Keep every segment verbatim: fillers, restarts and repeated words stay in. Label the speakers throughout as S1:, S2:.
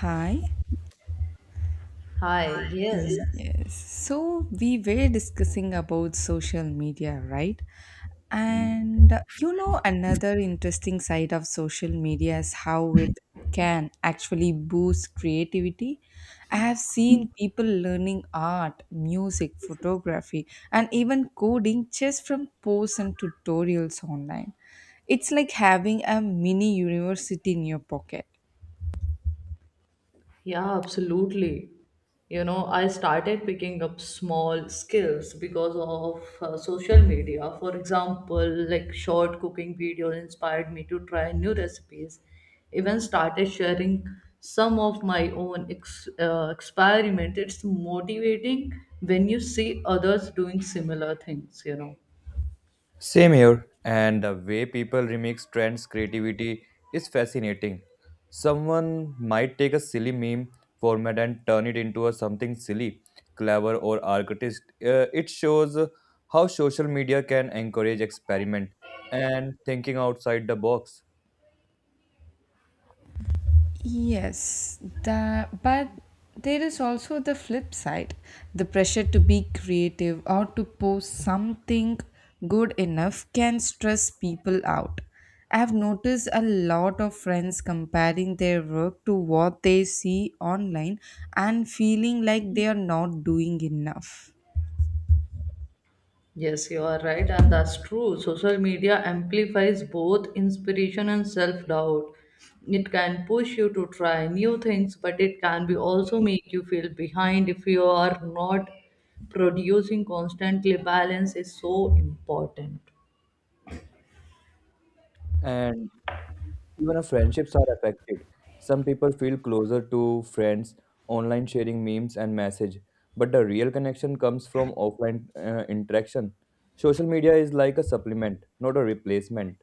S1: Hi.
S2: Hi, yes.
S1: Yes. So we were discussing about social media, right? Mm. And uh, you know, another interesting side of social media is how it can actually boost creativity. I have seen people learning art, music, photography, and even coding just from posts and tutorials online. It's like having a mini university in your pocket.
S2: Yeah, absolutely. You know, I started picking up small skills because of uh, social media. For example, like short cooking videos inspired me to try new recipes. Even started sharing some of my own ex uh, experiment. It's motivating when you see others doing similar things, you know.
S3: Same here, and the way people remix trends creativity is fascinating. Someone might take a silly meme format and turn it into a something silly, clever, or artist. Uh, it shows how social media can encourage experiment and thinking outside the box.
S1: Yes, the, but there is also the flip side, the pressure to be creative or to post something good enough can stress people out. I've noticed a lot of friends comparing their work to what they see online and feeling like they are not doing enough.
S2: Yes, you are right, and that's true. Social media amplifies both inspiration and self doubt. It can push you to try new things, but it can be also make you feel behind if you are not producing constantly. Balance is so important.
S3: And Even our friendships are affected. Some people feel closer to friends online sharing memes and message, but the real connection comes from offline uh, interaction. Social media is like a supplement, not a replacement.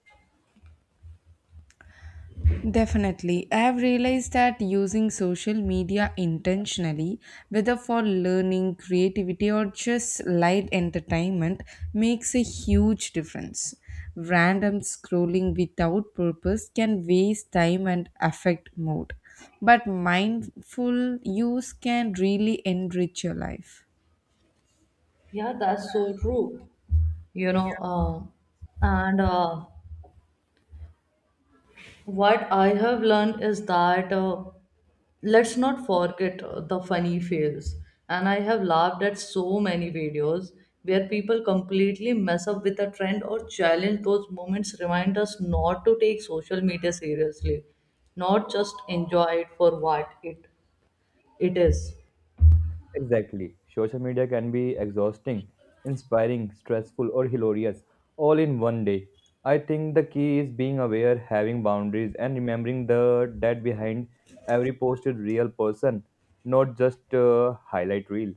S1: Definitely. I have realized that using social media intentionally, whether for learning, creativity, or just light entertainment, makes a huge difference. Random scrolling without purpose can waste time and affect mood, but mindful use can really enrich your life.
S2: Yeah, that's so true. You know, uh, and uh, What I have learned is that. Uh, Let's not forget uh, the funny fails, and I have laughed at so many videos where people completely mess up with a trend or challenge. Those moments remind us not to take social media seriously, not just enjoy it for what it it is
S3: Exactly. Social media can be exhausting, inspiring, stressful, or hilarious, all in one day. I think the key is being aware, having boundaries, and remembering the that behind every post is real person, not just a highlight reel.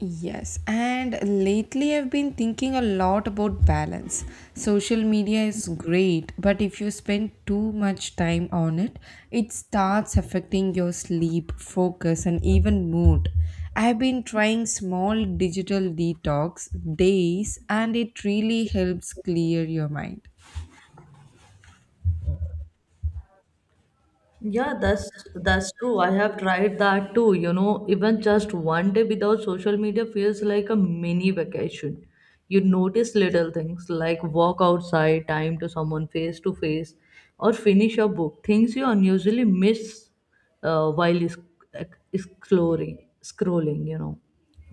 S1: Yes, and lately I've been thinking a lot about balance. Social media is great, but if you spend too much time on it, it starts affecting your sleep, focus, and even mood. I've been trying small digital detox days, and it really helps clear your mind.
S2: Yeah, that's that's true. I have tried that too. You know, even just one day without social media feels like a mini vacation. You notice little things like walk outside, time to someone face to face, or finish a book. Things you unusually miss uh, while is- ex- exploring, scrolling. You know.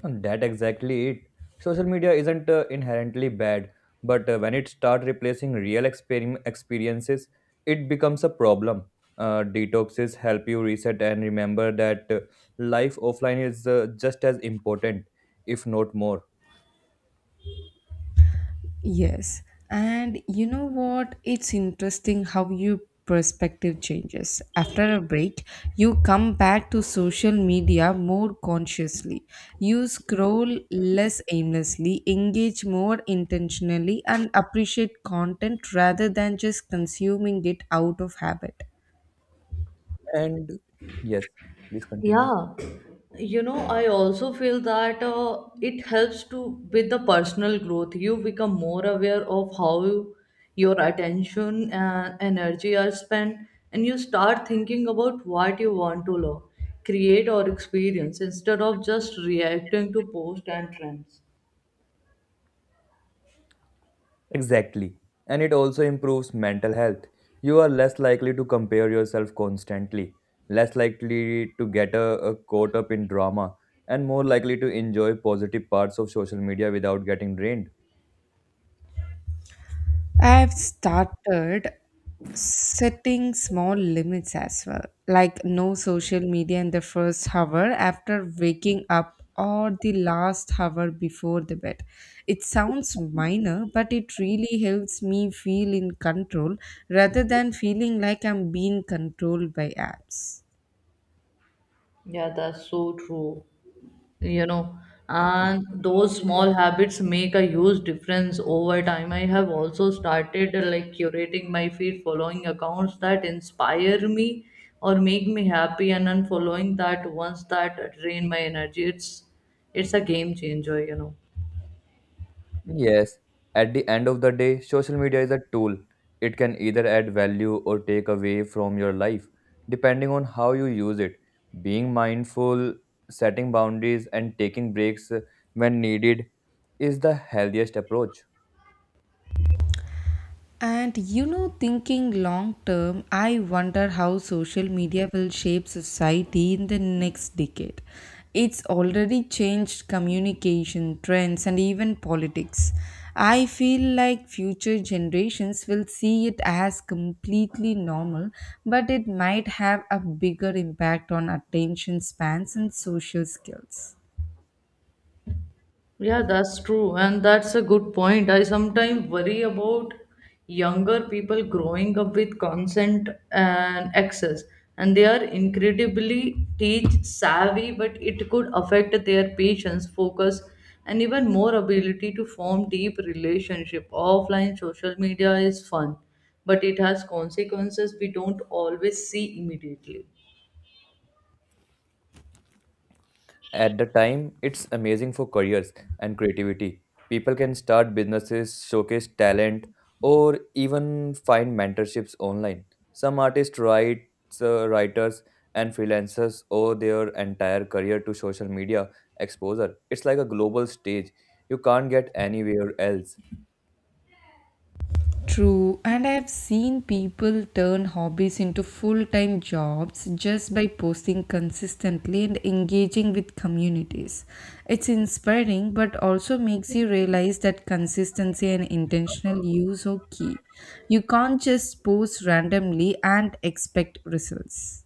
S3: And that exactly it. Social media isn't uh, inherently bad, but uh, when it starts replacing real experim- experiences, it becomes a problem. Uh, detoxes help you reset and remember that uh, life offline is uh, just as important, if not more.
S1: Yes. And you know what? It's interesting how your perspective changes. After a break, you come back to social media more consciously. You scroll less aimlessly, engage more intentionally, and appreciate content rather than just consuming it out of habit.
S3: And yes, please continue.
S2: Yeah, you know, I also feel that uh, it helps to with the personal growth. You become more aware of how you- your attention and energy are spent, and you start thinking about what you want to learn, create, or experience instead of just reacting to posts and trends.
S3: Exactly. And it also improves mental health. You are less likely to compare yourself constantly, less likely to get uh, uh, caught up in drama, and more likely to enjoy positive parts of social media without getting drained.
S1: I've started setting small limits as well, like no social media in the first hour after waking up or the last hour before the bed. It sounds minor, but it really helps me feel in control rather than feeling like I'm being controlled by apps.
S2: Yeah, that's so true. You know, and those small habits make a huge difference over time. I have also started uh, like curating my feed, following accounts that inspire me or make me happy, and unfollowing that ones that drain my energy. It's it's a game changer, you know.
S3: Yes, at the end of the day, social media is a tool. It can either add value or take away from your life, depending on how you use it. Being mindful, setting boundaries, and taking breaks uh, when needed is the healthiest approach.
S1: And you know, thinking long term, I wonder how social media will shape society in the next decade. It's already changed communication, trends, and even politics. I feel like future generations will see it as completely normal, but it might have a bigger impact on attention spans and social skills.
S2: Yeah, that's true. And that's a good point. I sometimes worry about younger people growing up with consent and access. And they are incredibly teach savvy, but it could affect their patience, focus, and even more ability to form deep relationship. Offline social media is fun, but it has consequences we don't always see immediately.
S3: At the time, it's amazing for careers and creativity. People can start businesses, showcase talent, or even find mentorships online. Some artists, writes, uh, writers, and freelancers owe their entire career to social media exposure. It's like a global stage. You can't get anywhere else.
S1: True, and I've seen people turn hobbies into full time jobs just by posting consistently and engaging with communities. It's inspiring but also makes you realize that consistency and intentional use are key. You can't just post randomly and expect results.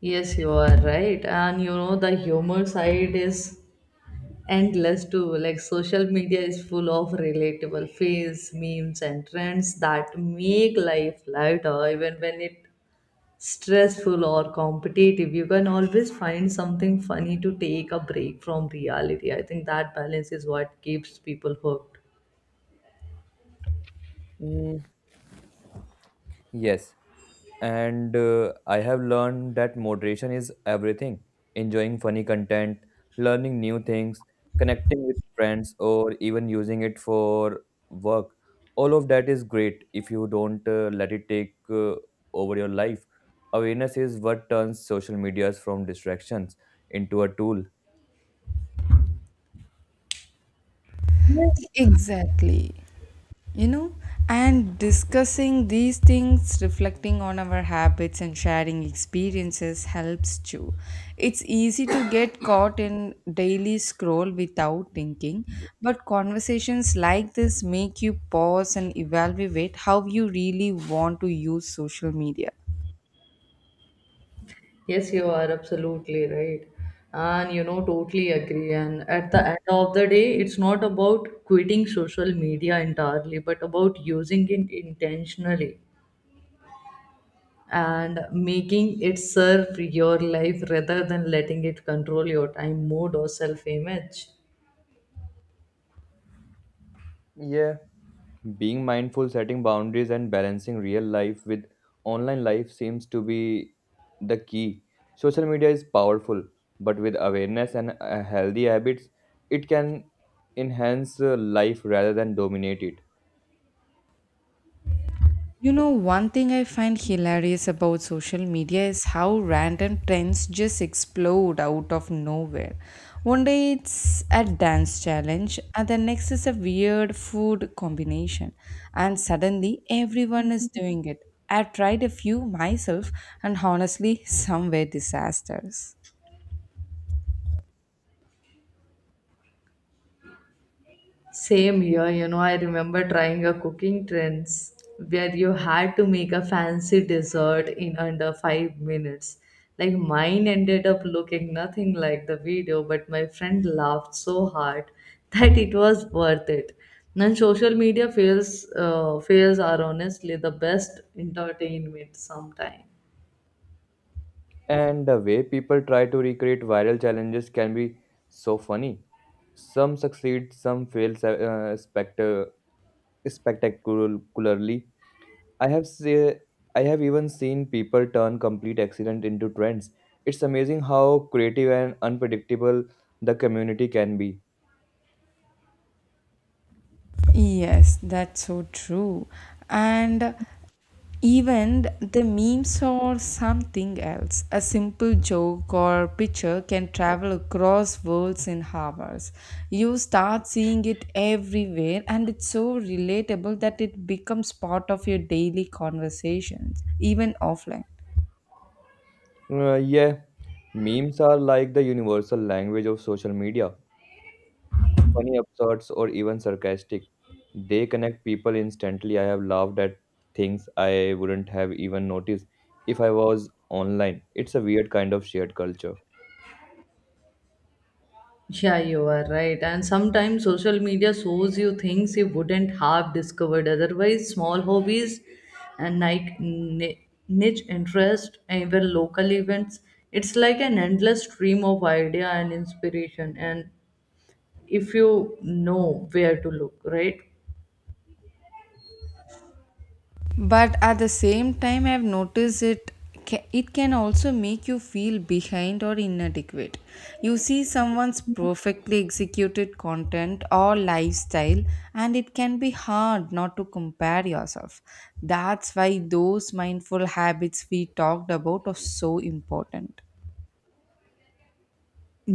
S2: Yes, you are right. And you know, the humor side is endless too. Like social media is full of relatable fails, memes, and trends that make life lighter, even when it's stressful or competitive. You can always find something funny to take a break from reality. I think that balance is what keeps people hooked.
S3: Mm, yes, and uh, I have learned that moderation is everything. Enjoying funny content, learning new things, connecting with friends, or even using it for work. All of that is great if you don't uh, let it take uh, over your life. Awareness is what turns social medias from distractions into a tool.
S1: Exactly. you know and discussing these things, reflecting on our habits, and sharing experiences helps too. It's easy to get caught in daily scroll without thinking, but conversations like this make you pause and evaluate how you really want to use social media.
S2: Yes, you are absolutely right. And you know, totally agree. And at the end of the day, it's not about quitting social media entirely, but about using it intentionally, and making it serve your life rather than letting it control your time, mood, or self image.
S3: Yeah, being mindful, setting boundaries, and balancing real life with online life seems to be the key. Social media is powerful, but with awareness and uh, healthy habits, it can enhance uh, life rather than dominate it.
S1: You know, one thing I find hilarious about social media is how random trends just explode out of nowhere. One day it's a dance challenge, and the next is a weird food combination, and suddenly everyone is doing it. I tried a few myself, and honestly, some were disasters.
S2: Same here, you know, I remember trying a cooking trends where you had to make a fancy dessert in under five minutes. Like mine ended up looking nothing like the video, but my friend laughed so hard that it was worth it. And social media fails, uh, fails are honestly the best entertainment sometimes.
S3: And the way people try to recreate viral challenges can be so funny. Some succeed, some fail uh, spectac- spectacularly, I have se- I have even seen people turn complete accident into trends. It's amazing how creative and unpredictable the community can be.
S1: Yes, that's so true. And even the memes or something else. A simple joke or picture can travel across worlds in hours. You start seeing it everywhere, and it's so relatable that it becomes part of your daily conversations, even offline.
S3: Uh, yeah, memes are like the universal language of social media. Funny, absurd, or even sarcastic. They connect people instantly. I have laughed at things I wouldn't have even noticed if I was online. It's a weird kind of shared culture.
S2: Yeah, you are right. And sometimes social media shows you things you wouldn't have discovered otherwise. Small hobbies and like ni- niche interest, even local events. It's like an endless stream of idea and inspiration. And if you know where to look, right?
S1: But at the same time, I've noticed it ca- it can also make you feel behind or inadequate. You see someone's perfectly executed content or lifestyle, and it can be hard not to compare yourself. That's why those mindful habits we talked about are so important.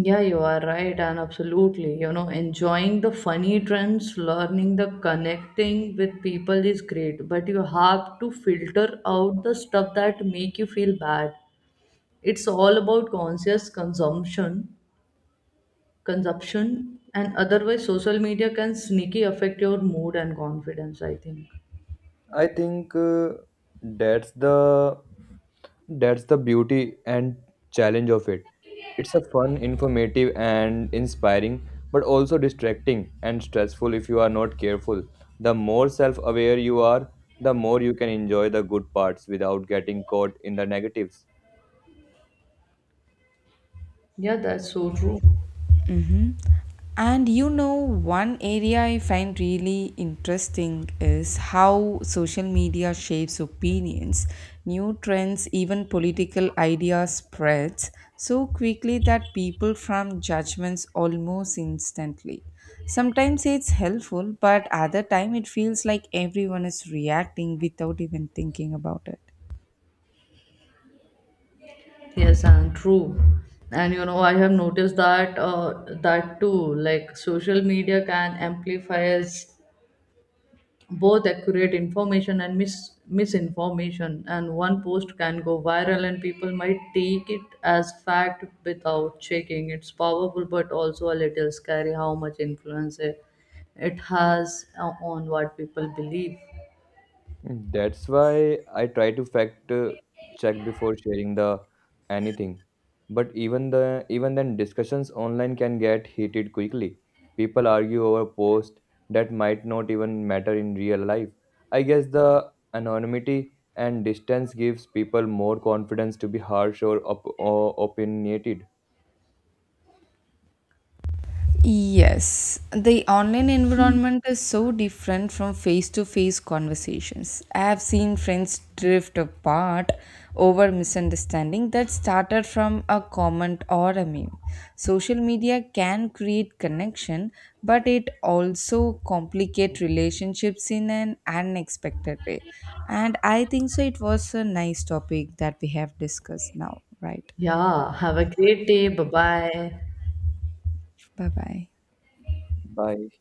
S2: Yeah, you are right, and absolutely. You know, enjoying the funny trends, learning the connecting with people is great, but you have to filter out the stuff that make you feel bad. It's all about conscious consumption, consumption, and otherwise social media can sneaky affect your mood and confidence, I think.
S3: I think uh, that's the that's the beauty and challenge of it. It's a fun, informative and inspiring, but also distracting and stressful if you are not careful. The more self-aware you are, the more you can enjoy the good parts without getting caught in the negatives.
S2: Yeah, that's so true.
S1: And you know, one area I find really interesting is how social media shapes opinions. New trends, even political ideas spreads so quickly that people form judgments almost instantly. Sometimes it's helpful, but other time it feels like everyone is reacting without even thinking about it.
S2: Yes, and true. And you know, I have noticed that uh, that too. Like social media can amplify both accurate information and mis- misinformation, and one post can go viral and people might take it as fact without checking. It's powerful but also a little scary how much influence it it has uh, on what people believe.
S3: Mm, that's why I try to fact uh, check before sharing the anything. But even the even then discussions online can get heated quickly. People argue over posts that might not even matter in real life. I guess the anonymity and distance gives people more confidence to be harsh or, op- or opinionated.
S1: Yes, the online environment is so different from face to face conversations. I have seen friends drift apart over misunderstanding that started from a comment or a meme. Social media can create connection, but it also complicate relationships in an unexpected way. And I think so it was a nice topic that we have discussed now, right?
S2: Yeah, have a great day. Bye bye.
S1: Bye bye.
S3: Bye.